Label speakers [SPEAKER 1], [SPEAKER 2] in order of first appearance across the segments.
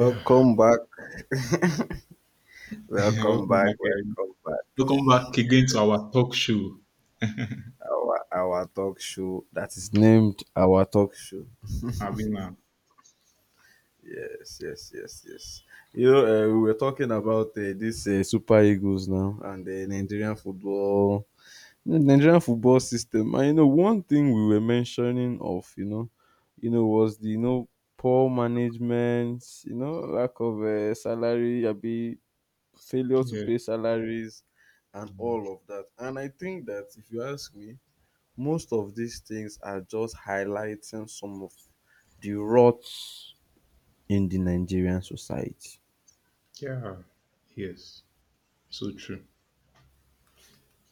[SPEAKER 1] Yeah.
[SPEAKER 2] back, welcome
[SPEAKER 1] Welcome
[SPEAKER 2] back,
[SPEAKER 1] back.
[SPEAKER 2] welcome back.
[SPEAKER 1] Welcome back again to our talk show,
[SPEAKER 2] Our talk show that is named our talk show.
[SPEAKER 1] Avina.
[SPEAKER 2] Yes, yes, yes, yes. You know, we were talking about this Super Eagles now and the Nigerian football system. And one thing we were mentioning of, was the poor management, lack of salary, a failure to
[SPEAKER 1] Yeah.
[SPEAKER 2] pay salaries and all of that. And I think that if you ask me, most of these things are just highlighting some of the rots in the Nigerian society.
[SPEAKER 1] Yeah. Yes. So true.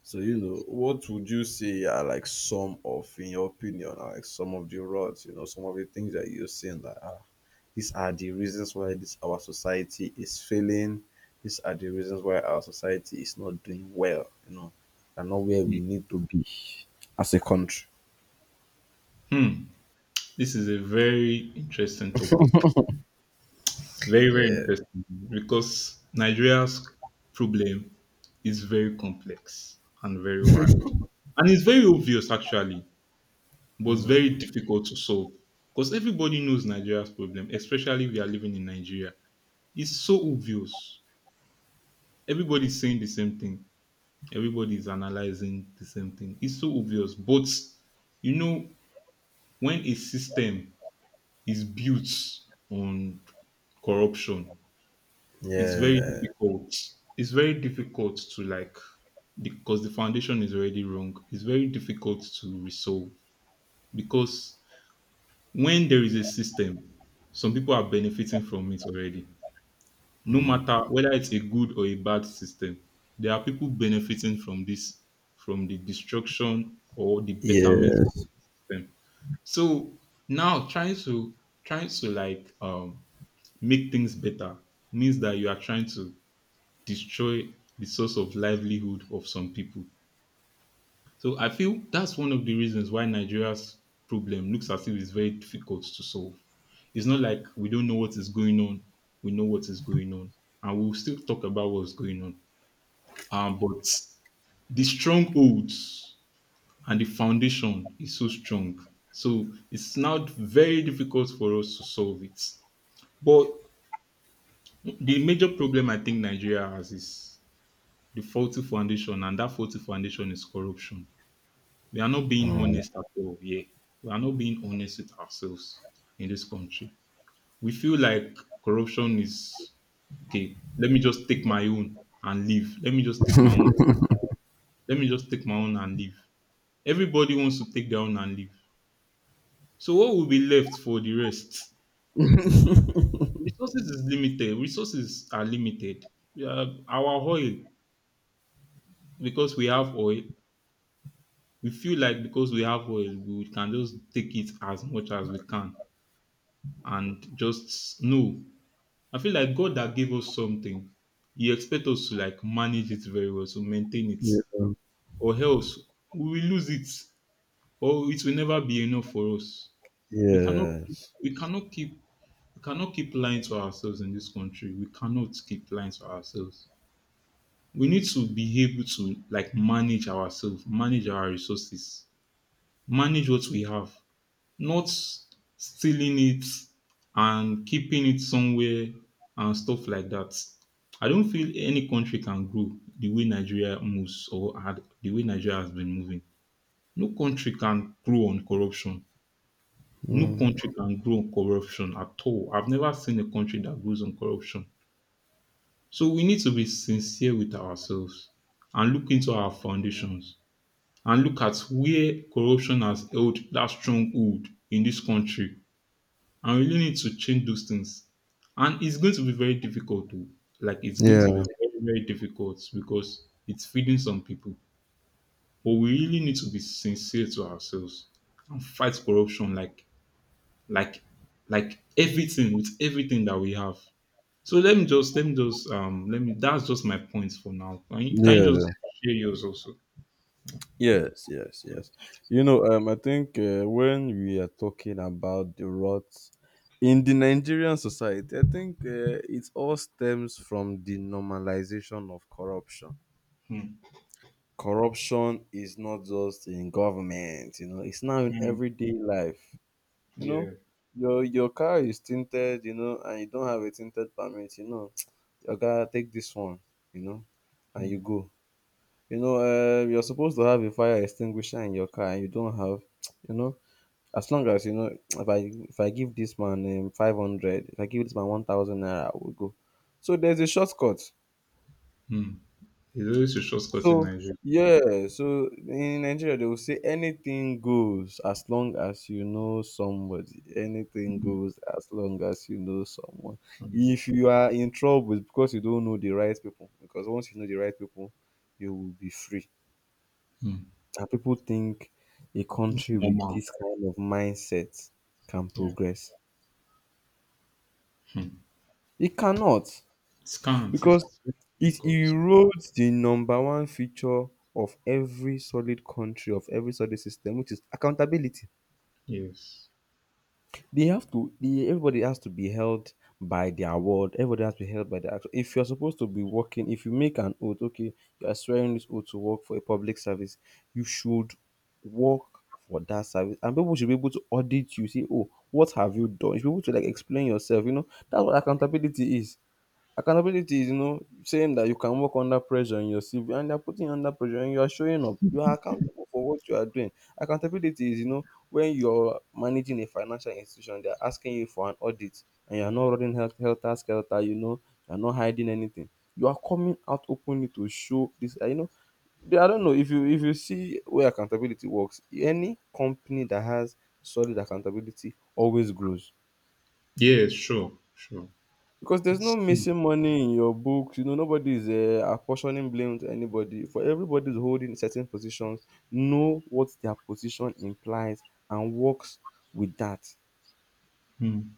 [SPEAKER 2] So, what would you say are like some of, in your opinion, are like some of the rods, some of the things that you're seeing that these are the reasons why this our society is failing. These are the reasons why our society is not doing well, and not where we
[SPEAKER 1] Hmm.
[SPEAKER 2] need to be as a country.
[SPEAKER 1] Hmm. This is a very interesting topic. Very, very
[SPEAKER 2] Yeah.
[SPEAKER 1] interesting because Nigeria's problem is very complex and very wide. And it's very obvious, actually, but it's very difficult to solve because everybody knows Nigeria's problem, especially if you are living in Nigeria. It's so obvious. Everybody's saying the same thing. Everybody is analyzing the same thing. It's so obvious. But you know, when a system is built on corruption, it's very, yeah,
[SPEAKER 2] Yeah.
[SPEAKER 1] difficult. It's very difficult to, like, because the foundation is already wrong. It's very difficult to resolve because when there is a system, some people are benefiting from it already no
[SPEAKER 2] Mm.
[SPEAKER 1] matter whether it's a good or a bad system, there are people benefiting from this, from the destruction or the betterment of the
[SPEAKER 2] Yes.
[SPEAKER 1] system. So now trying to like make things better means that you are trying to destroy the source of livelihood of some people. So I feel that's one of the reasons why Nigeria's problem looks as if it's very difficult to solve. It's not like we don't know what is going on. We know what is going on, and we'll still talk about what's going on. But the strongholds and the foundation is so strong, so it's now very difficult for us to solve it. But the major problem I think Nigeria has is the faulty foundation, and that faulty foundation is corruption. We are not being
[SPEAKER 2] Mm.
[SPEAKER 1] honest at all here. We are not being honest with ourselves in this country. We feel like corruption is okay. Let me just take my own and leave. Let me just take my own. Let me just take my own and leave. Everybody wants to take their own and leave. So what will be left for the rest? Resources is limited. Resources are limited. Our oil, because we have oil, we feel like because we have oil, we can just take it as much as we can and just no. I feel like God that gave us something, He expects us to like manage it very well, to maintain it,
[SPEAKER 2] Yeah.
[SPEAKER 1] or else we will lose it, or it will never be enough for us. We cannot, keep,
[SPEAKER 2] Yes.
[SPEAKER 1] we cannot keep, we cannot keep lying to ourselves in this country. We cannot keep lying to ourselves. We need to be able to like manage ourselves, manage our resources, manage what we have, not stealing it and keeping it somewhere and stuff like that. I don't feel any country can grow the way Nigeria moves or had the way Nigeria has been moving. No country can grow on corruption. No
[SPEAKER 2] Mm.
[SPEAKER 1] country can grow on corruption at all. I've never seen a country that grows on corruption. So we need to be sincere with ourselves and look into our foundations and look at where corruption has held that stronghold in this country. I really need to change those things. And it's going to be very difficult to, like, it's going to
[SPEAKER 2] Yeah.
[SPEAKER 1] be very, very difficult because it's feeding some people. But we really need to be sincere to ourselves and fight corruption like like everything with everything that we have. So let me just let me just let me that's just my point for now. Can you just
[SPEAKER 2] Yeah.
[SPEAKER 1] share yours also?
[SPEAKER 2] Yes, yes, yes. I think when we are talking about the rot in the Nigerian society, I think it all stems from the normalization of corruption.
[SPEAKER 1] Hmm.
[SPEAKER 2] Corruption is not just in government, it's now in
[SPEAKER 1] Hmm.
[SPEAKER 2] everyday life. You know,
[SPEAKER 1] Yeah.
[SPEAKER 2] your car is tinted, and you don't have a tinted permit, your guy take this one, you know, and you
[SPEAKER 1] Hmm.
[SPEAKER 2] go. You know, you're supposed to have a fire extinguisher in your car and you don't have, you know, as long as you know, if I give this man 500, if I give this man 1,000 naira, I will go. So there's a shortcut.
[SPEAKER 1] Hmm. It's always a shortcut in
[SPEAKER 2] So
[SPEAKER 1] Nigeria.
[SPEAKER 2] yeah, so in Nigeria they will say anything goes as long as you know somebody. Anything goes as long as you know someone.
[SPEAKER 1] Hmm.
[SPEAKER 2] If you are in trouble, it's because you don't know the right people. Because once you know the right people, you will be free. And people think a
[SPEAKER 1] It's
[SPEAKER 2] country with
[SPEAKER 1] normal.
[SPEAKER 2] this kind of mindset can
[SPEAKER 1] Yeah.
[SPEAKER 2] progress.
[SPEAKER 1] Hmm.
[SPEAKER 2] It cannot
[SPEAKER 1] It
[SPEAKER 2] because
[SPEAKER 1] It's very
[SPEAKER 2] it
[SPEAKER 1] difficult.
[SPEAKER 2] erodes the number one feature of every solid country, of every solid system, which is accountability.
[SPEAKER 1] Yes.
[SPEAKER 2] They have to. Everybody has to be held by their word. Everybody has to be held by their action. If you're supposed to be working, if you make an oath, okay, you are swearing this oath to work for a public service, you should work for that service, and people should be able to audit you. Say, oh, what have you done? You should be able to like explain yourself. You know that's what accountability is. Accountability is, saying that you can work under pressure in your CV and they're putting you under pressure and you are showing up. You are accountable for what you are doing. Accountability is, when you're managing a financial institution, they're asking you for an audit and you're not running health helter skelter, you're not hiding anything. You are coming out openly to show this. I don't know if you see where accountability works, any company that has solid accountability always grows.
[SPEAKER 1] Yes, sure, sure.
[SPEAKER 2] Because there's no
[SPEAKER 1] It's,
[SPEAKER 2] missing money in your books. Nobody's apportioning blame to anybody. For everybody's holding certain positions, know what their position implies and works with that.
[SPEAKER 1] mm,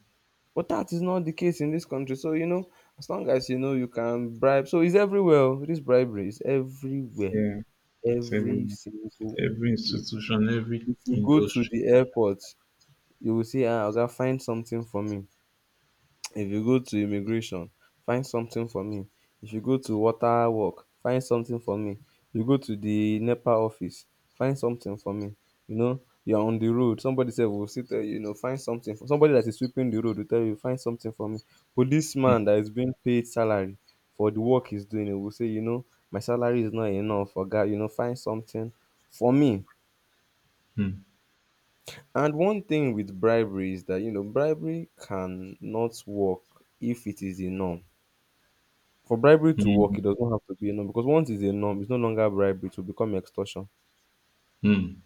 [SPEAKER 2] But that is not the case in this country. So, as long as you know you can bribe. So it's everywhere. Oh. This bribery is everywhere.
[SPEAKER 1] yeah. It's
[SPEAKER 2] Every
[SPEAKER 1] everywhere.
[SPEAKER 2] single
[SPEAKER 1] Every
[SPEAKER 2] place.
[SPEAKER 1] institution, every
[SPEAKER 2] If you go to
[SPEAKER 1] industry.
[SPEAKER 2] the airport, you will say, I'll find something for me. If you go to immigration, find something for me. If you go to water work, find something for me. You go to the NEPA office, find something for me. You're on the road, somebody sef will sit there. Find something for somebody that is sweeping the road will tell you find something for me. Policeman that is being paid salary for the work he's doing, he will say, my salary is not enough for oga, find something for me.
[SPEAKER 1] Mm,
[SPEAKER 2] And one thing with bribery is that bribery cannot work if it is the norm. For bribery to work,
[SPEAKER 1] mm,
[SPEAKER 2] it does not have to be a norm because once it's a norm, it's no longer bribery; it will become extortion.
[SPEAKER 1] mm,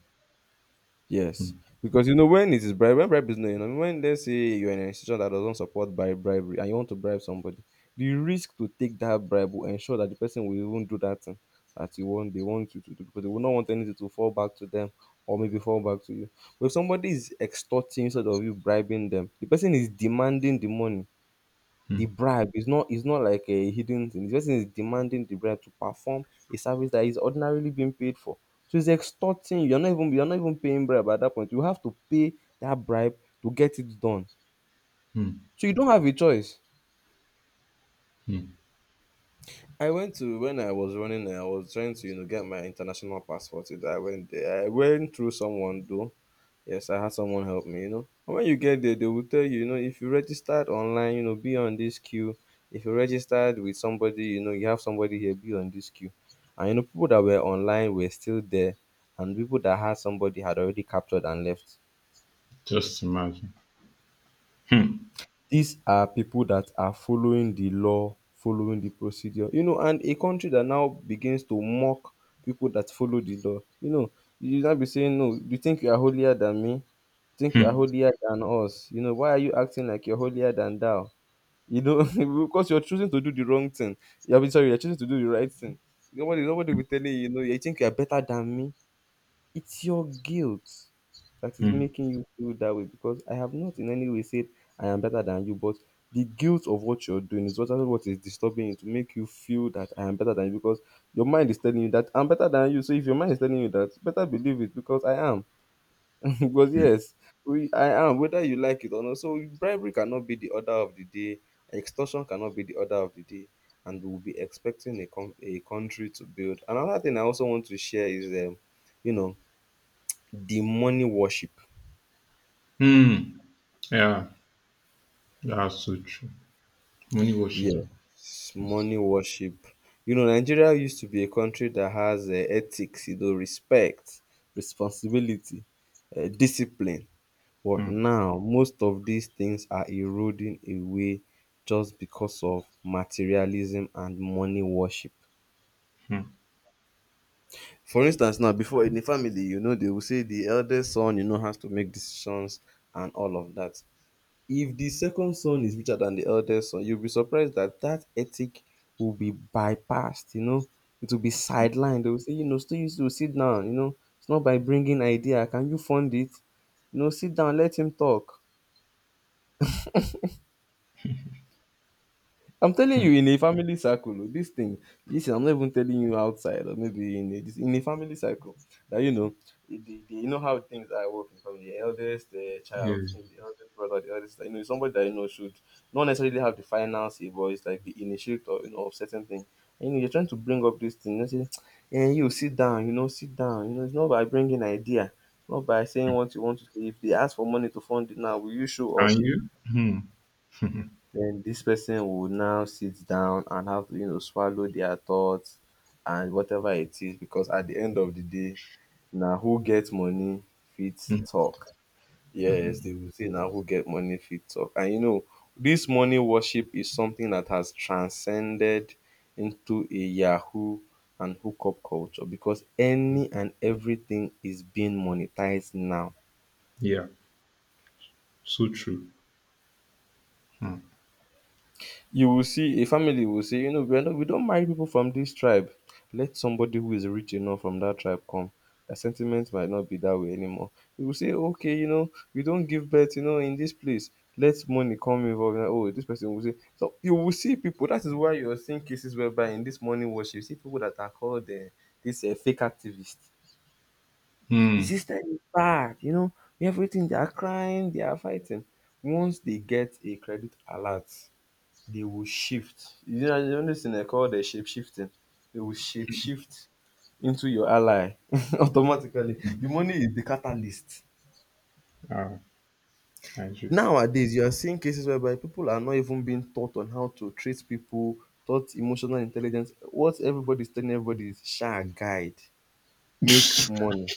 [SPEAKER 1] mm,
[SPEAKER 2] Yes, because when it is bribery, when bribery is not a norm, when let's say you're in an institution that doesn't support by bribery and you want to bribe somebody, the risk to take that bribe will ensure that the person will even do that thing that you want they want you to do because they will not want anything to fall back to them or maybe fall back to you. But if somebody is extorting instead of you bribing them, the person is demanding the money. The
[SPEAKER 1] mm,
[SPEAKER 2] bribe is not like a hidden thing. The person is demanding the bribe to perform a service that is ordinarily being paid for. So he's extorting you. You're not even paying bribe at that point. You have to pay that bribe to get it done.
[SPEAKER 1] mm,
[SPEAKER 2] So you don't have a choice.
[SPEAKER 1] mm.
[SPEAKER 2] I went to When I was running, I was trying to get my international passport. I went there. I went through someone though. Yes, I had someone help me. And when you get there, they will tell you, if you registered online, be on this queue. If you registered with somebody, you have somebody here, be on this queue. And people that were online were still there, and people that had somebody had already captured and left.
[SPEAKER 1] Just imagine. Mm,
[SPEAKER 2] These are people that are following the law, following the procedure, and a country that now begins to mock people that follow the law, you now be saying, no, you think you are holier than me? Think you are
[SPEAKER 1] mm,
[SPEAKER 2] holier than us. Why are you acting like you're holier than thou? You know, because you're choosing to do the wrong thing. You're mean, sorry, you're choosing to do the right thing. Nobody will tell you, you think you're better than me. It's your guilt that is
[SPEAKER 1] mm,
[SPEAKER 2] making you feel that way because I have not in any way said I am better than you, but the guilt of what you're doing is what is disturbing you to make you feel that I am better than you because your mind is telling you that I'm better than you. So if your mind is telling you that, better believe it because I am. Because yes, we I am whether you like it or not. So bribery cannot be the order of the day, extortion cannot be the order of the day, and we'll be expecting a country to build. Another thing I also want to share is you know, the money worship.
[SPEAKER 1] mm. Yeah, that's so true. Money washes. Me.
[SPEAKER 2] Yes, money worship. Nigeria used to be a country that has ethics, respect, responsibility, discipline. But
[SPEAKER 1] Mm,
[SPEAKER 2] now most of dis tins are eroding away just because of materialism and money worship.
[SPEAKER 1] mm.
[SPEAKER 2] For instance now before in a family, dey will say the eldest son, has to make decisions and all of dat. If the second son is richer than the eldest son, you'll be surprised dat ethic will be bypassed, it will be sidelined. Dey will say, still you to sit down, it's not by bringing idea, can you fund it? Sit down, let him talk. I'm telling you, in a family circle, oh, this thing, listen, I'm not even telling you outside or maybe in in a family circle that, you know how things are working in family. The eldest child,
[SPEAKER 1] Yes.
[SPEAKER 2] maybe the eldest brother, the eldest, somebody that, should not necessarily have the final say, but it's like the initiator, of certain things. And, you're trying to bring up this thing. You say, and you sit down, sit down. It's not by bringing idea, it's not by saying what you want to say. If they ask for money to fund it now, will you show up?
[SPEAKER 1] And you? Mm,
[SPEAKER 2] Then this person would now sit down and have to, swallow their thoughts and whatever it is, because at the end of the day, na who get money fit
[SPEAKER 1] mm.
[SPEAKER 2] talk. Yes, they will say na who get money fit talk. And you know, this money worship is something that has transcended into a Yahoo and hookup culture because any and everything is being monetized now.
[SPEAKER 1] Yeah, so true. Mm,
[SPEAKER 2] You will see a family will say, you know, we don't mind people from this tribe. Let somebody who is rich enough from that tribe come. Their sentiment might not be that way anymore. You will say, okay, you know, we don't give birth, you know, in this place. Let money come involved. Like, oh, this person will say. So you will see people. That is why you're seeing cases whereby in this morning worship, you see people that are called this fake activists. The
[SPEAKER 1] mm.
[SPEAKER 2] system is bad, you know, everything. They are crying, they are fighting. Once they get a credit alert, they will shift. You know, the only thing I call the shape shifting. They will shape shift into your ally automatically. The money is the catalyst.
[SPEAKER 1] Ah, I see.
[SPEAKER 2] Nowadays, you are seeing cases whereby people are not even being taught on how to treat people, taught emotional intelligence. What everybody is telling everybody is share guide, make money.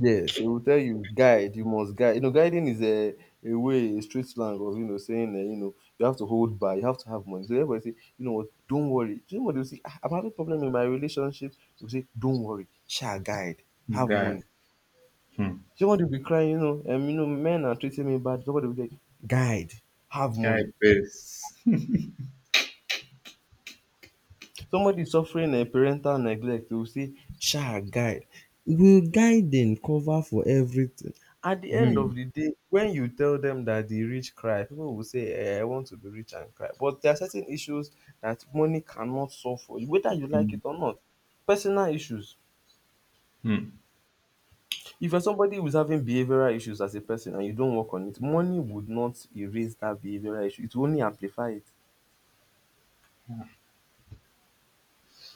[SPEAKER 2] Yes, he will tell you, guide, you must guide. You know, guiding is a way, a street slang of, you know, saying that, you know, you have to hold by, you have to have money. So everybody say, you know what, don't worry. Do you know what they'll say? "Ah, I'm having problem in my relationship. We say, don't worry, shall guide, have
[SPEAKER 1] Guy.
[SPEAKER 2] money."
[SPEAKER 1] Hmm.
[SPEAKER 2] Somebody will be crying, you know, and, you know, men are treating me bad. Somebody will say, guide, have
[SPEAKER 1] Guy
[SPEAKER 2] money.
[SPEAKER 1] best.
[SPEAKER 2] Somebody suffering parental neglect, they will say guide, will guiding cover for everything? At the end of
[SPEAKER 1] Mm,
[SPEAKER 2] the day when you tell them that the rich cry, people will say I want to be rich and cry, but there are certain issues that money cannot solve for you whether you like it
[SPEAKER 1] mm,
[SPEAKER 2] or not. Personal issues.
[SPEAKER 1] mm,
[SPEAKER 2] If you're somebody who is having behavioural issues as a person and you don't work on it, money would not erase that behavioural issue, it will only amplify it.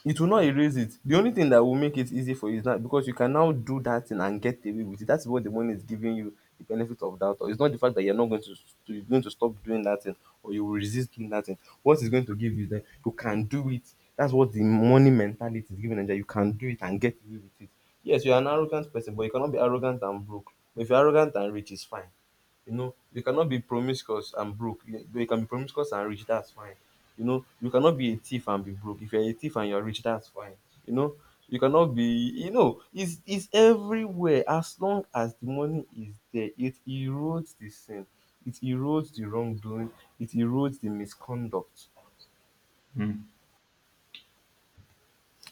[SPEAKER 2] It will not erase it. The only thing that will make it easy for you is that because you can now do that thing and get away with it. That's what the money is giving you, the benefit of doubt. Or it's not the fact that you're not going you're going to stop doing that thing or you will resist doing that thing. What it's going to give you is that you can do it. That's what the money mentality is giving Nigeria. You can do it and get away with it. Yes, you're an arrogant person, but you cannot be arrogant and broke. But if you're arrogant and rich, it's fine. You know, you cannot be promiscuous and broke. You can be promiscuous and rich, that's fine. You know, you cannot be a thief and be broke. If you're a thief and you're rich, that's fine. You know, you cannot be, you know, it's everywhere. As long as the money is there, it erodes the sin, it erodes the wrongdoing, it erodes the misconduct.
[SPEAKER 1] mm,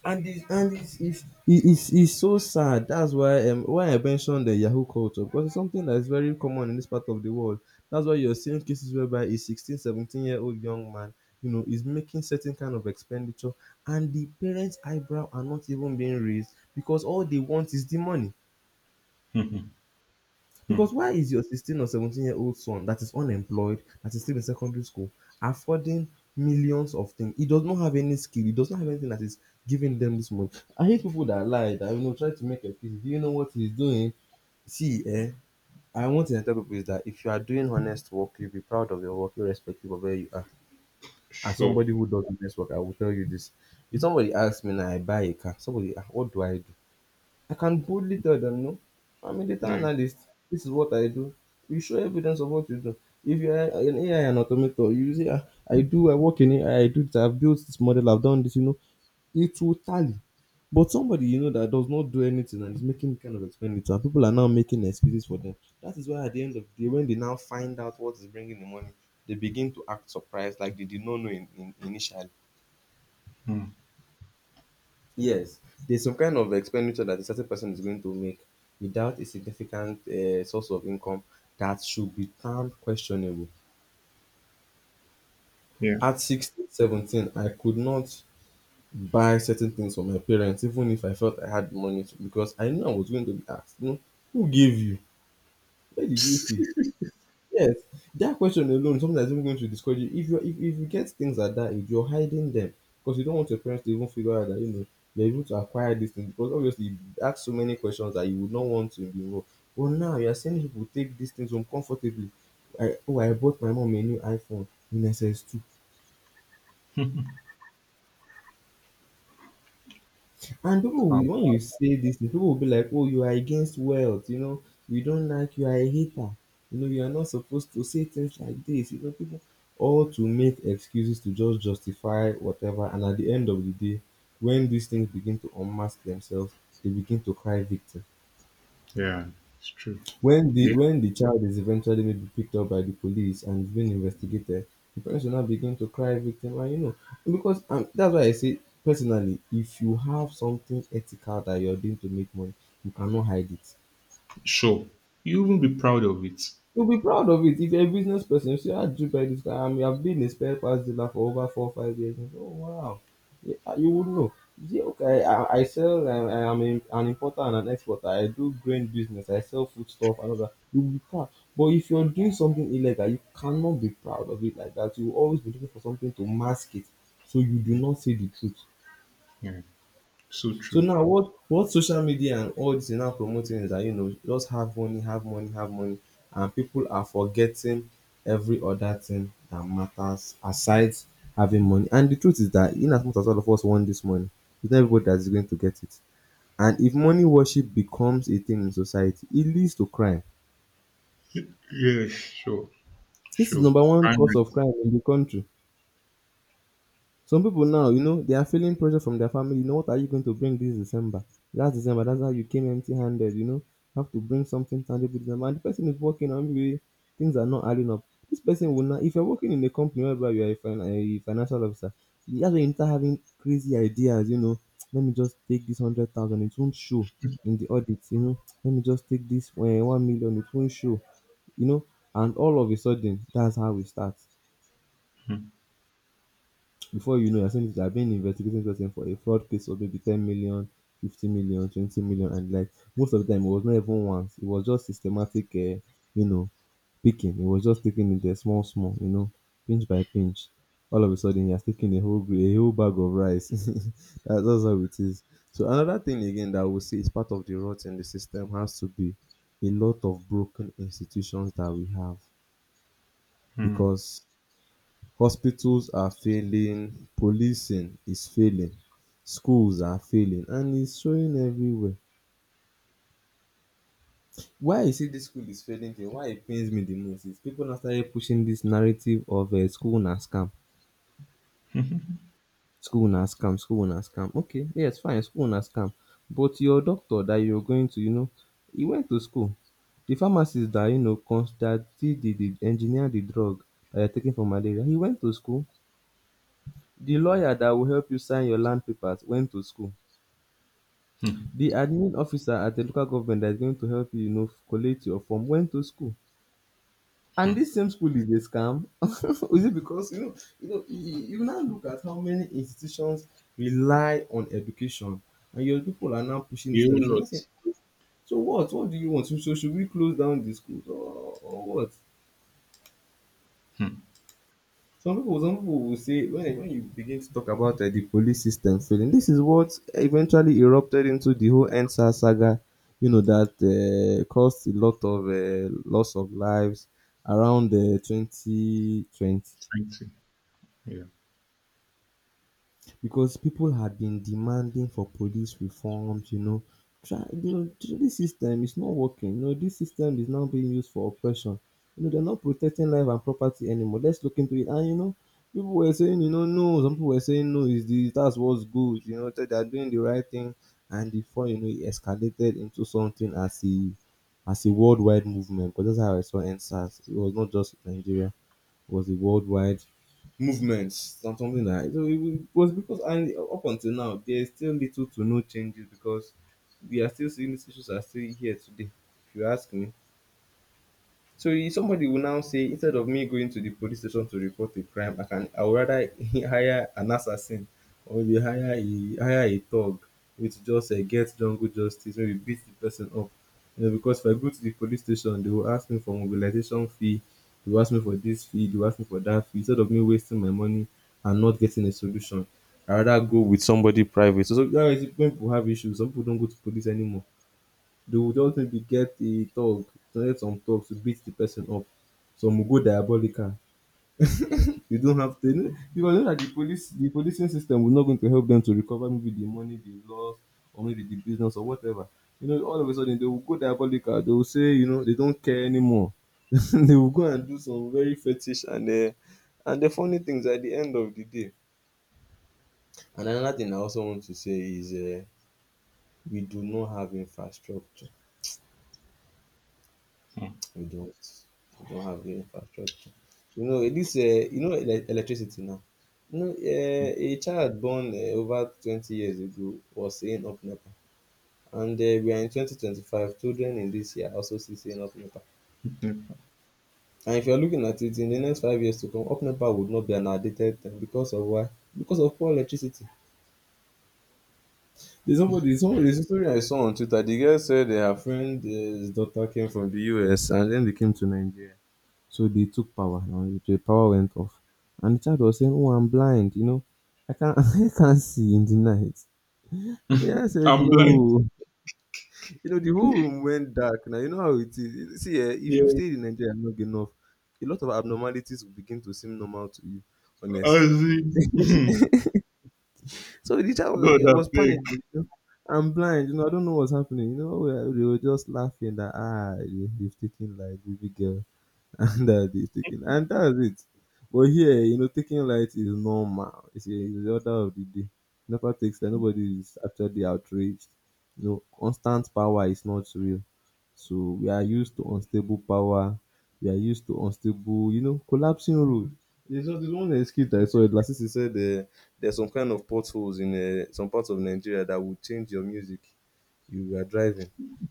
[SPEAKER 2] And it's it- it's so sad. That's why I mentioned the Yahoo culture, because it's something that is very common in this part of the world. That's why you're seeing cases whereby a 1617 year old young man, you know, is making certain kind of expenditure and the parents' eyebrow are not even being raised because all they want is the money.
[SPEAKER 1] mhm, mm.
[SPEAKER 2] Because why is your 16 or 17-year-old son that is unemployed, that is still in secondary school, affording millions of things? He does not have any skill. He does not have anything that is giving them this money. I hate people that lie, that you know, try to make excuses. Do you know what he's doing? See, eh, I want to tell people is that if you are doing honest work, you'll be proud of your work, irrespective of where you are. As
[SPEAKER 1] Sure.
[SPEAKER 2] somebody who does honest work, I will tell you this. If somebody asks me now, I buy a car. Somebody, ah, what do? I can boldly tell them, no, I'm a data
[SPEAKER 1] Yeah.
[SPEAKER 2] analyst. This is what I do. You show evidence of what you do. If you're an AI and automator, you say, "Ah, I do, I work in AI, I do this, I've built this model, I've done this, you know, it will tally." But somebody, you know, that does not do anything and is making kind of expenditure, and people are now making excuses for them. That is why at the end of the day, when they now find out what is bringing the money, they begin to act surprised like they did not know initially.
[SPEAKER 1] Mm,
[SPEAKER 2] Yes, there's some kind of expenditure that a certain person is going to make without a significant source of income that should be termed questionable.
[SPEAKER 1] yeah.
[SPEAKER 2] At 16, 17, I could not buy certain things for my parents, even if I felt I had money to, because I knew I was going to be asked, you know, who gave you? Where did you see? Yes, that question alone, something that's even going to discourage you. If you get things at that age, you're hiding them because you don't want your parents to even figure out that, you know, you're able to acquire this thing because obviously you ask so many questions that you would not want to be involved. But now you're seeing people take these things home comfortably. I, oh, I bought my mom a new iPhone in SS2. And people
[SPEAKER 1] How?
[SPEAKER 2] will, when you say this thing, people will be like, "Oh, you are against wealth. You know, you don't like. You are a hater. You know, you are not supposed to say things like this." You know, people all to make excuses to just justify whatever. And at the end of the day, when these things begin to unmask themselves, they begin to cry victim.
[SPEAKER 1] Yeah. It's true.
[SPEAKER 2] When the
[SPEAKER 1] Yeah.
[SPEAKER 2] when the child is eventually maybe picked up by the police and is being investigated, the parents will now begin to cry victim, and you know, because, and that's why I say personally, if you have something ethical that you're doing to make money, you cannot hide it.
[SPEAKER 1] Sure. You will be proud of it.
[SPEAKER 2] You'll be proud of it if you're a business person. You see, I do buy this car. I mean, I've been a spare parts dealer for over 4 or 5 years. And, you say, oh, wow. Yeah, ah, you would know. You see, okay, I sell, I am a, an importer and an exporter. I do grain business. I sell food stuff and all that. You'll be proud. But if you're doing something illegal, you cannot be proud of it like that. You will always be looking for something to mask it so you do
[SPEAKER 1] Yeah,
[SPEAKER 2] not say the truth.
[SPEAKER 1] yeah. So
[SPEAKER 2] So
[SPEAKER 1] true.
[SPEAKER 2] now what social media and all this is now promoting is that, you know, just have money, have money, have money, and people are forgetting every other thing that matters aside having money. And the truth is that in as much as all of us want this money, it's not everybody that's going to get it. And if money worship becomes a thing in society, it leads to crime.
[SPEAKER 1] Yeah. Sure.
[SPEAKER 2] This is
[SPEAKER 1] Sure.
[SPEAKER 2] number one
[SPEAKER 1] Fine.
[SPEAKER 2] cause of crime in the country. Some people now, you know, they are feeling pressure from their family. You know, what are you going to bring this December? Last December, that's how you came empty handed, you know. You have to bring something tangible December. And the person is working on maybe things are not adding up. This person will not, if you're working in a company whereby you are a financial officer, that's when you start having crazy ideas, you know. Let me just take this 100,000, it won't show in the audit, you know. Let me just take this 1 million, it won't show, you know. And all of a sudden, that's how we start.
[SPEAKER 1] Mm,
[SPEAKER 2] Before you know, you're saying that I've been investigating this person for a fraud case of maybe 10 million, 50 million, 20 million, and like most of the time, it was not even once. It was just systematic, you know, picking. It was just taking it there small, small, you know, pinch by pinch. All of a sudden, you're taking a whole a whole bag of rice. That's how it is. So another thing again that we see is part of the rot in the system has to be a lot of broken institutions that we have
[SPEAKER 1] mm,
[SPEAKER 2] because hospitals are failing, policing is failing, schools are failing, and it's showing everywhere. Why you see this school is failing thing, why it pains me the most is people now started pushing this narrative of school na scam, school na scam, school na scam. Okay, yes, fine, school na scam. But your doctor that you're going to, he went to school. The pharmacist that, that did the engineer the drug that you're taking for malaria, he went to school. The lawyer that will help you sign your land papers went to school.
[SPEAKER 1] mm,
[SPEAKER 2] The admin officer at a local government that is going to help you, collate your form went to school. And
[SPEAKER 1] mm.
[SPEAKER 2] this same school is a scam. Is it because you now look at how many institutions rely on education, and your people are now pushing this
[SPEAKER 1] You
[SPEAKER 2] nonsense. You're
[SPEAKER 1] lot.
[SPEAKER 2] not saying, so what? What do you want? So should we close down the schools or what?
[SPEAKER 1] Mm,
[SPEAKER 2] Some people will say when you begin to talk about the police system failing. This is what eventually erupted into the whole Ensa saga. You know that caused a lot of loss of lives around 2020,
[SPEAKER 1] thank you. Yeah.
[SPEAKER 2] because people had been demanding for police reforms. Try, the, this system is not working. You know, this system is now being used for oppression. You know, they're not protecting life and property anymore. Let's look into it. And you know, people were saying, you know, no. Some people were saying, no, is this that's what's good. You know, that they're doing the right thing. And before you know, it escalated into something as a worldwide movement. Because that's how I saw NSAS. It was not just Nigeria, was a worldwide movement, something like that, so it was because, and up until now there is still little to no changes, because we are still seeing these issues are still here today, if you ask me. So somebody will now say, instead of me going to the police station to report a crime, I would rather hire an assassin or maybe hire a thug, maybe to just get jungle justice, maybe beat the person up. You know, because if I go to the police station, they will ask me for mobilization fee, they will ask me for this fee, they will ask me for that fee. Instead of me wasting my money and not getting a solution, I rather go with somebody private. So, so that is when people have issues. Some people don't go to police anymore, they will just maybe get a thug, get some thugs to beat the person up. Some will go diabolical. They don't have to, because they know that the police, the policing system will not going to help them to recover maybe the money they lost or maybe the business or whatever. You know, all of a sudden they will go diabolical. They will say, you know, they don't care anymore. They will go and do some very fetish and the funny things at the end of the day. And another thing I also want to say is we do not have infrastructure.
[SPEAKER 1] Mm,
[SPEAKER 2] We don't. We don't have the infrastructure. You know eh, this. You know electricity now. You know, a child born over 20 years ago was saying up NEPA, and we are in 2025. Children in this year also see saying up NEPA.
[SPEAKER 1] yeah.
[SPEAKER 2] And if you are looking at it in the next 5 years to come, up NEPA would not be an outdated thing because of why? Because of poor electricity. There's a story I saw on Twitter. The girl said her friend, his daughter came from the US and then they came to Nigeria. So they took power. Now the power went off. And the child was saying, "Oh, I'm blind, you know. I can't I can't see in the night." Yeah, I said
[SPEAKER 1] I'm blind.
[SPEAKER 2] no. You know, the whole room went dark. Now you know how it is. See, eh, if you've
[SPEAKER 1] Yeah.
[SPEAKER 2] stayed in Nigeria long enough, a lot of abnormalities will begin to seem normal to you,
[SPEAKER 1] I
[SPEAKER 2] honestly.
[SPEAKER 1] see.
[SPEAKER 2] So the child was
[SPEAKER 1] God,
[SPEAKER 2] like, "I
[SPEAKER 1] I
[SPEAKER 2] was panicking.
[SPEAKER 1] beg.
[SPEAKER 2] You know? I'm blind. You know, I don't know what's happening." You know, they were just laughing that ah, they've taken like baby girl. And that is taking and that's it, but here, you know, taking light is normal. It's the order of the day. NEPA takes that, nobody is actually outraged. You know, constant power is not real. So we are used to unstable power. We are used to unstable, you know, collapsing road. There's one excuse that I saw last. He said there's some kind of potholes in some parts of Nigeria that will change your music. You are driving,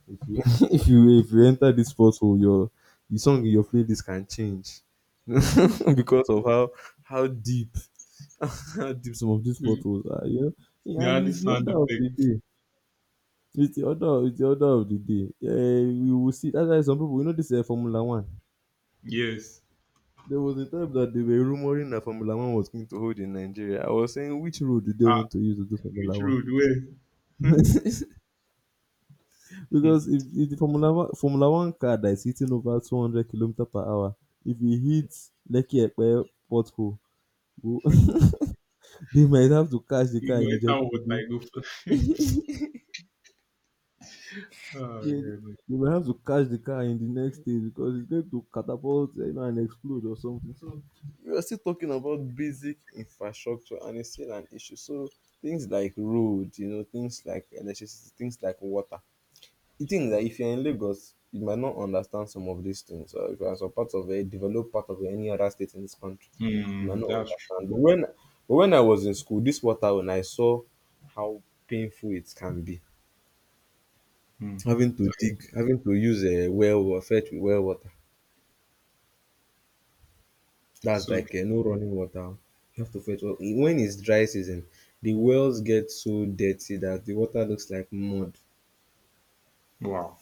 [SPEAKER 2] if you if you enter this pothole, your, the song in your playlist can change, because of how deep how deep some of these
[SPEAKER 1] Mm.
[SPEAKER 2] potholes are. You know, yeah,
[SPEAKER 1] The
[SPEAKER 2] and
[SPEAKER 1] only
[SPEAKER 2] it's the
[SPEAKER 1] sound
[SPEAKER 2] order of the
[SPEAKER 1] effect.
[SPEAKER 2] day. It's the order. It's the order of the day. Yeah, we will see. That's why some people, you know, this Formula One.
[SPEAKER 1] Yes.
[SPEAKER 2] There was a time that they were rumoring that Formula One was going to hold in Nigeria. I was saying, which road do they
[SPEAKER 1] Ah,
[SPEAKER 2] want to use to do
[SPEAKER 1] which
[SPEAKER 2] Formula One?
[SPEAKER 1] road? Where?
[SPEAKER 2] Because if the Formula One car that is hitting over 200 hundred kilometres per hour, if it hits Lekki Epe pothole, we they might have to catch the
[SPEAKER 1] You
[SPEAKER 2] car
[SPEAKER 1] go
[SPEAKER 2] in Ijebu
[SPEAKER 1] enter water,
[SPEAKER 2] Ode.
[SPEAKER 1] you go first. Oh,
[SPEAKER 2] Yeah,
[SPEAKER 1] God.
[SPEAKER 2] they might have to catch the car in the next stage because it's going to catapult, you know, and explode or something. So we are still talking about basic infrastructure and it's still an issue. So things like road, you know, things like electricity, things like water. The thing is that if you're in Lagos, you might not understand some of these things. Or if you're in some part of a developed part of any other state in this country, you might
[SPEAKER 1] Mm,
[SPEAKER 2] not
[SPEAKER 1] that's true.
[SPEAKER 2] understand. But when I was in school, this water, when I saw how painful it can be.
[SPEAKER 1] Mm.
[SPEAKER 2] Having to
[SPEAKER 1] Like,
[SPEAKER 2] dig, having to use well wa fetch with well water. That's
[SPEAKER 1] so, true.
[SPEAKER 2] like no running water. You have to fetch well. When it's dry season, the wells get so dirty that the water looks like mud.
[SPEAKER 1] Wow.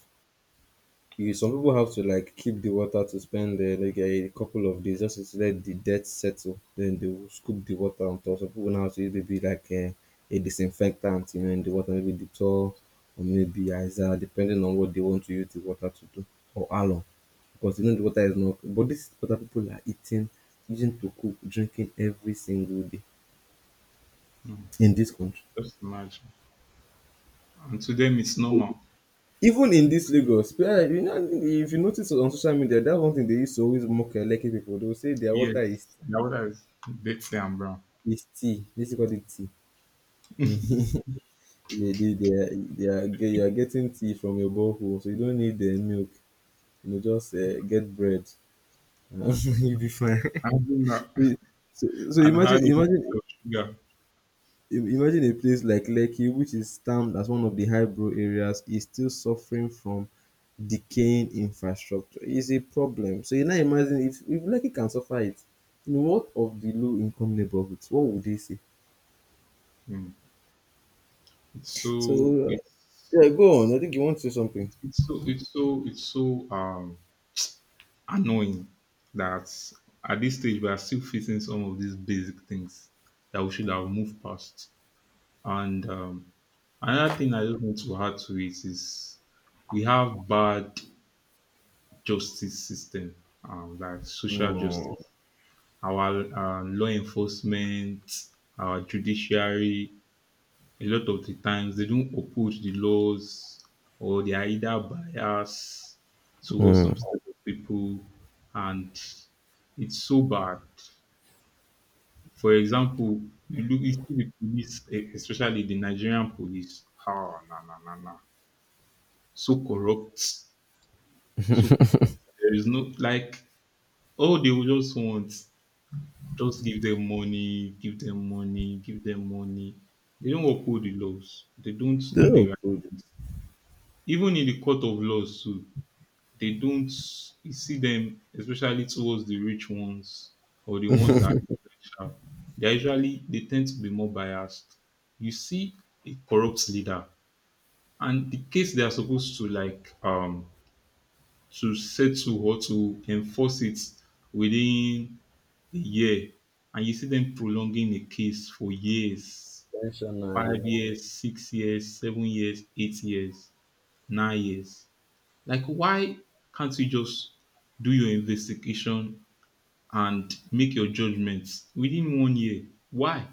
[SPEAKER 2] You, some people have to like keep the water to spend like a couple of days just to let the dirt settle. Then they will scoop the water on top. Some people now have to use maybe like a disinfectant, you know, in the water, maybe Dettol or maybe Izal, depending on what they want to use the water to do or how long. Because you know the water is not cool, but this is what people are eating, using to cook, drinking every single day in this country,
[SPEAKER 1] Just imagine. And to them, it's normal.
[SPEAKER 2] even in this Lagos. Yeah, you know, if you notice on social media, that's one thing they used to always mock Eleke people, they will say their
[SPEAKER 1] Yes.
[SPEAKER 2] water is
[SPEAKER 1] Their water is dirty and brown.
[SPEAKER 2] is tea. This is called it tea. You are getting tea from your borehole, so you don't need the milk. You know, just get bread, you'll be fine.
[SPEAKER 1] And, you
[SPEAKER 2] So
[SPEAKER 1] and how a
[SPEAKER 2] imagine,
[SPEAKER 1] little bit of sugar.
[SPEAKER 2] Imagine a place like Lekki, which is termed as one of the high-brow areas, is still suffering from decaying infrastructure. It's a problem. So you now imagine if Lekki can suffer it, you know, what of the low-income neighborhoods? What would they say?
[SPEAKER 1] Mm. It's so,
[SPEAKER 2] So,
[SPEAKER 1] it's,
[SPEAKER 2] yeah, go on. I think you want to say something.
[SPEAKER 1] it's so, it's so, it's so um annoying that at this stage we are still facing some of these basic things that we should have moved past. And Another thing I just want to add to it is we have bad justice system, like social
[SPEAKER 2] Mm.
[SPEAKER 1] justice, our law enforcement, our judiciary. A lot of the times they don't uphold the laws, or they are either biased towards
[SPEAKER 2] Mm.
[SPEAKER 1] some set of people, and it's so bad. For example, you see the police, especially the Nigerian police. Ah, na na na na, so corrupt. So there is no like all they will just want, just give them money, give them money, give them money. They don't uphold the laws. They don't do the
[SPEAKER 2] Oh,
[SPEAKER 1] right.
[SPEAKER 2] good.
[SPEAKER 1] Even in the court of laws too, they don't, you see them, especially towards the rich ones or the ones that are influential. They are usually they tend to be more biased. You see a corrupt leader and the case they are supposed to settle or to enforce it within a year, and you see them prolonging a case for years, five
[SPEAKER 2] Intentionally.
[SPEAKER 1] years, 6 years, 7 years, 8 years, 9 years. Like, why can't you just do your investigation and make your judgments within one year? Why?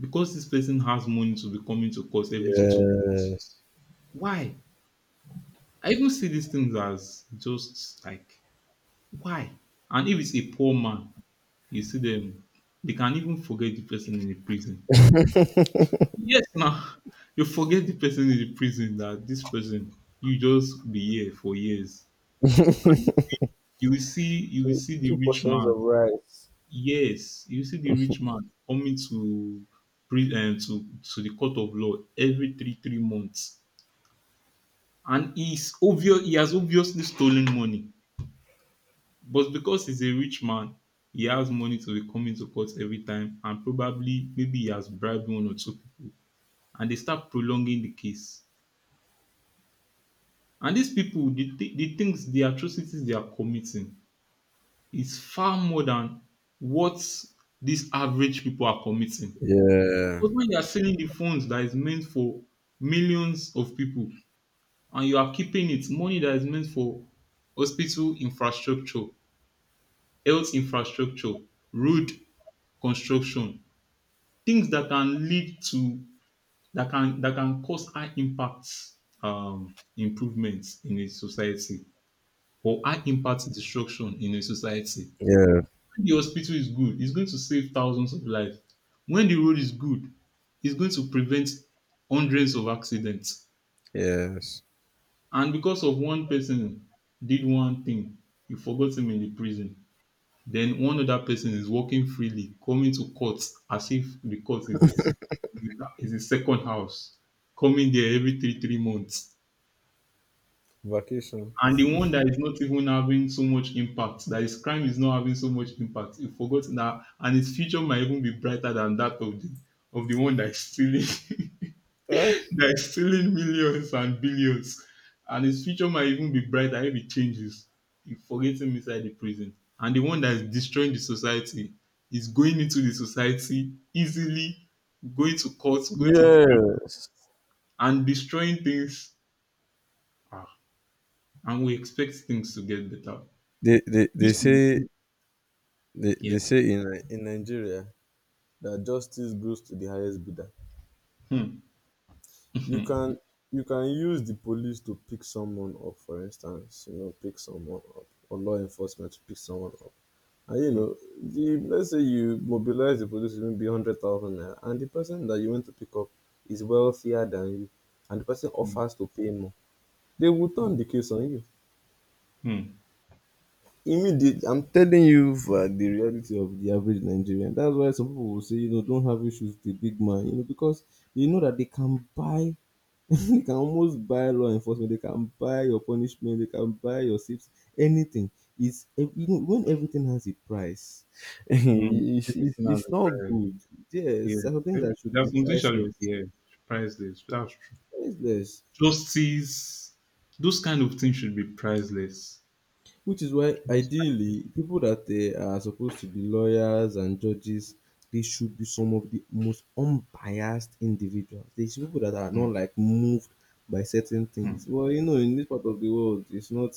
[SPEAKER 1] Because this person has money to be coming to court every two months.
[SPEAKER 2] Yes.
[SPEAKER 1] Why? I even see these things as just like why? And if it's a poor man, you see them, they can even forget the person in the prison. Yes, now you forget the person in the prison that this person you just be here for years. And you will see you will
[SPEAKER 2] Two
[SPEAKER 1] see the
[SPEAKER 2] two
[SPEAKER 1] rich
[SPEAKER 2] portions
[SPEAKER 1] man.
[SPEAKER 2] of rice.
[SPEAKER 1] Yes, you will see the rich man coming to pri- um, to to the court of law every three three months, and he has obviously stolen money, but because he's a rich man, he has money to be coming to court every time, and probably maybe he has bribed one or two people, and they start prolonging the case. And these people, the things, the atrocities they are committing is far more than what these average people are committing.
[SPEAKER 2] Yeah.
[SPEAKER 1] Because when you are selling the phones that is meant for millions of people and you are keeping it, money that is meant for hospital infrastructure, health infrastructure, road construction, things that can that can cause high impact improvements in a society or high impact destruction in a society.
[SPEAKER 2] Yeah.
[SPEAKER 1] When the hospital is good, it's going to save thousands of lives. When the road is good, it's going to prevent hundreds of accidents.
[SPEAKER 2] Yes.
[SPEAKER 1] And because of one person did one thing, you forgot him in the prison. Then one other person is walking freely, coming to court as if the court is his, second house, coming there every three months.
[SPEAKER 2] Vacation.
[SPEAKER 1] And the one that is not even having so much impact, that his crime is not having so much impact, he forgot that, and his future might even be brighter than that of the one that is stealing,
[SPEAKER 2] Ah.
[SPEAKER 1] that is stealing millions and billions, and his future might even be brighter if he changes. You forget him inside the prison, and the one that is destroying the society is going into the society easily, going to courts, going to different
[SPEAKER 2] Yes.
[SPEAKER 1] and destroying things, ah, and we expect things to get better.
[SPEAKER 2] They, they, they
[SPEAKER 1] This
[SPEAKER 2] say
[SPEAKER 1] will-
[SPEAKER 2] they,
[SPEAKER 1] yeah.
[SPEAKER 2] they say in Nigeria, that justice goes to the highest bidder.
[SPEAKER 1] Hmm.
[SPEAKER 2] You
[SPEAKER 1] Mhm.
[SPEAKER 2] can you can use the police to pick someone up, for instance, you know, pick someone up, or law enforcement to pick someone up. And you
[SPEAKER 1] Mm,
[SPEAKER 2] know, let's say you mobilize the police with maybe 100,000 naira, and the person that you want to pick up is wealthier than you, and the person
[SPEAKER 1] mm,
[SPEAKER 2] offers to pay more, they will turn the case on you. Immediately, I'm telling you, for the reality of the average Nigerian. That's why some people will say, you know, don't have issues with the big man, you know, because you know that they can buy, they can almost buy law enforcement, they can buy your punishment, they can buy your seats, anything. You know, when everything has a price,
[SPEAKER 1] hmm, hmm.
[SPEAKER 2] it's, it's,
[SPEAKER 1] Everything has
[SPEAKER 2] it's
[SPEAKER 1] a
[SPEAKER 2] not
[SPEAKER 1] price.
[SPEAKER 2] good.
[SPEAKER 1] Yeah.
[SPEAKER 2] Yes, there are, that should
[SPEAKER 1] There are
[SPEAKER 2] be
[SPEAKER 1] some things that
[SPEAKER 2] priceless.
[SPEAKER 1] should be, yeah, priceless. That's true.
[SPEAKER 2] Priceless.
[SPEAKER 1] Justice, those kind of things should be priceless.
[SPEAKER 2] Which is why,
[SPEAKER 1] Should be priceless.
[SPEAKER 2] ideally, people that are supposed to be lawyers and judges, they should be some of the most unbiased individuals. They should be people that are not
[SPEAKER 1] Hmm,
[SPEAKER 2] like moved by certain
[SPEAKER 1] hmm.
[SPEAKER 2] things. Well, you know, in this part of the world, it's not,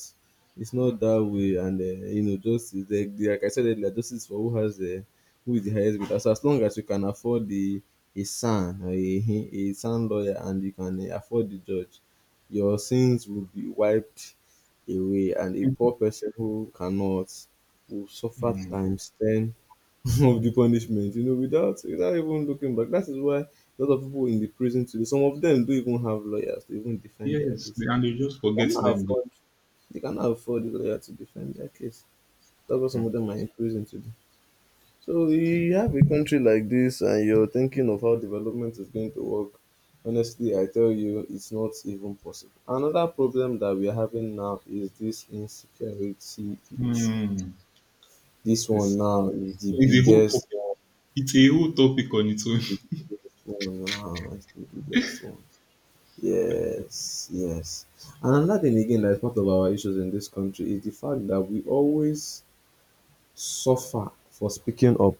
[SPEAKER 2] it's not that way. And you know, justice, like I said earlier, justice for who has who is the highest bidder. So as long as you can afford the a son or a son lawyer, and you can afford the judge, your sins will be wiped away, and a poor
[SPEAKER 1] Mm.
[SPEAKER 2] person who cannot will suffer
[SPEAKER 1] Hmm.
[SPEAKER 2] times ten of the punishment, you know, without even looking back. That is why a lot of people in the prison today, some of them don't even have lawyers to even defend their
[SPEAKER 1] Yes,
[SPEAKER 2] case.
[SPEAKER 1] and they just
[SPEAKER 2] They
[SPEAKER 1] forget
[SPEAKER 2] cannot
[SPEAKER 1] them there.
[SPEAKER 2] afford they cannot afford the lawyer to defend their case. That's why some
[SPEAKER 1] Hmm.
[SPEAKER 2] of them are in prison today. So you have a country like this and you're thinking of how development is going to work. Honestly, I tell you, it's not even possible. Another problem that we're having now is this insecurity issue.
[SPEAKER 1] Hmm.
[SPEAKER 2] This one
[SPEAKER 1] It's,
[SPEAKER 2] now is the
[SPEAKER 1] it's a whole
[SPEAKER 2] biggest
[SPEAKER 1] topic.
[SPEAKER 2] one.
[SPEAKER 1] It's a whole topic on its
[SPEAKER 2] It's
[SPEAKER 1] own.
[SPEAKER 2] the biggest one now. It's the biggest one. Yes, yes. And another thing again that is part of our issues in this country is the fact that we always suffer for speaking up,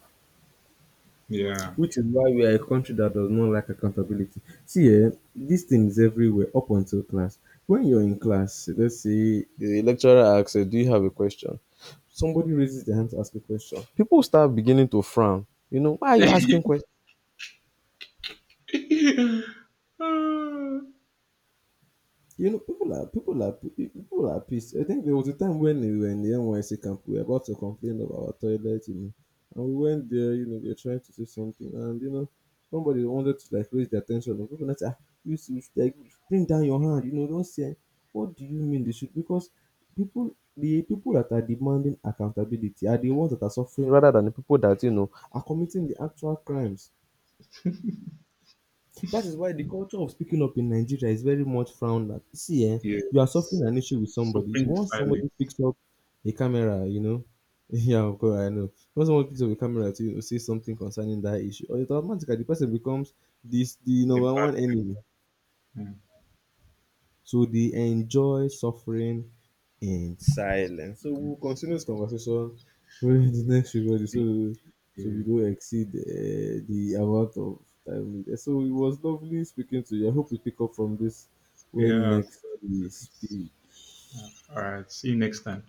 [SPEAKER 1] Yeah.
[SPEAKER 2] which is why we are a country that does not like accountability. See, eh, this thing is everywhere up until class. When you're in class, let's say the lecturer asks, do you have a question? Somebody raises their hand to ask a question. People start beginning to frown. You know, why are you asking questions?
[SPEAKER 1] Ah,
[SPEAKER 2] You know, people are pissed. I think there was a time when we were in the NYC camp, we were about to complain of our toilet, you know, and we went there, you know, we were trying to say something, and you know, somebody wanted to like raise the attention of people. And I said, you should like bring down your hand, you know, don't say. What do you mean they should? Because people, the people that are demanding accountability are the ones that are suffering, rather than the people that you know are committing the actual crimes. That is why the culture of speaking up in Nigeria is very much frowned at. See, eh, you are suffering
[SPEAKER 1] yes.
[SPEAKER 2] an issue with somebody.
[SPEAKER 1] Suffering in
[SPEAKER 2] Once somebody
[SPEAKER 1] silence.
[SPEAKER 2] picks up a camera, you know, yeah, of course, I know. Once someone picks up a camera to say something concerning that issue, or it automatically the person becomes this the
[SPEAKER 1] A
[SPEAKER 2] number
[SPEAKER 1] bad
[SPEAKER 2] one enemy.
[SPEAKER 1] thing.
[SPEAKER 2] So they enjoy suffering in silence. So we'll continue this conversation during the next few body, so
[SPEAKER 1] Mm.
[SPEAKER 2] so we
[SPEAKER 1] Yeah.
[SPEAKER 2] don't exceed the amount of time needed. So it was lovely speaking to you. I hope you pick up from this when
[SPEAKER 1] Yeah.
[SPEAKER 2] next we speak.
[SPEAKER 1] All right. See you next time.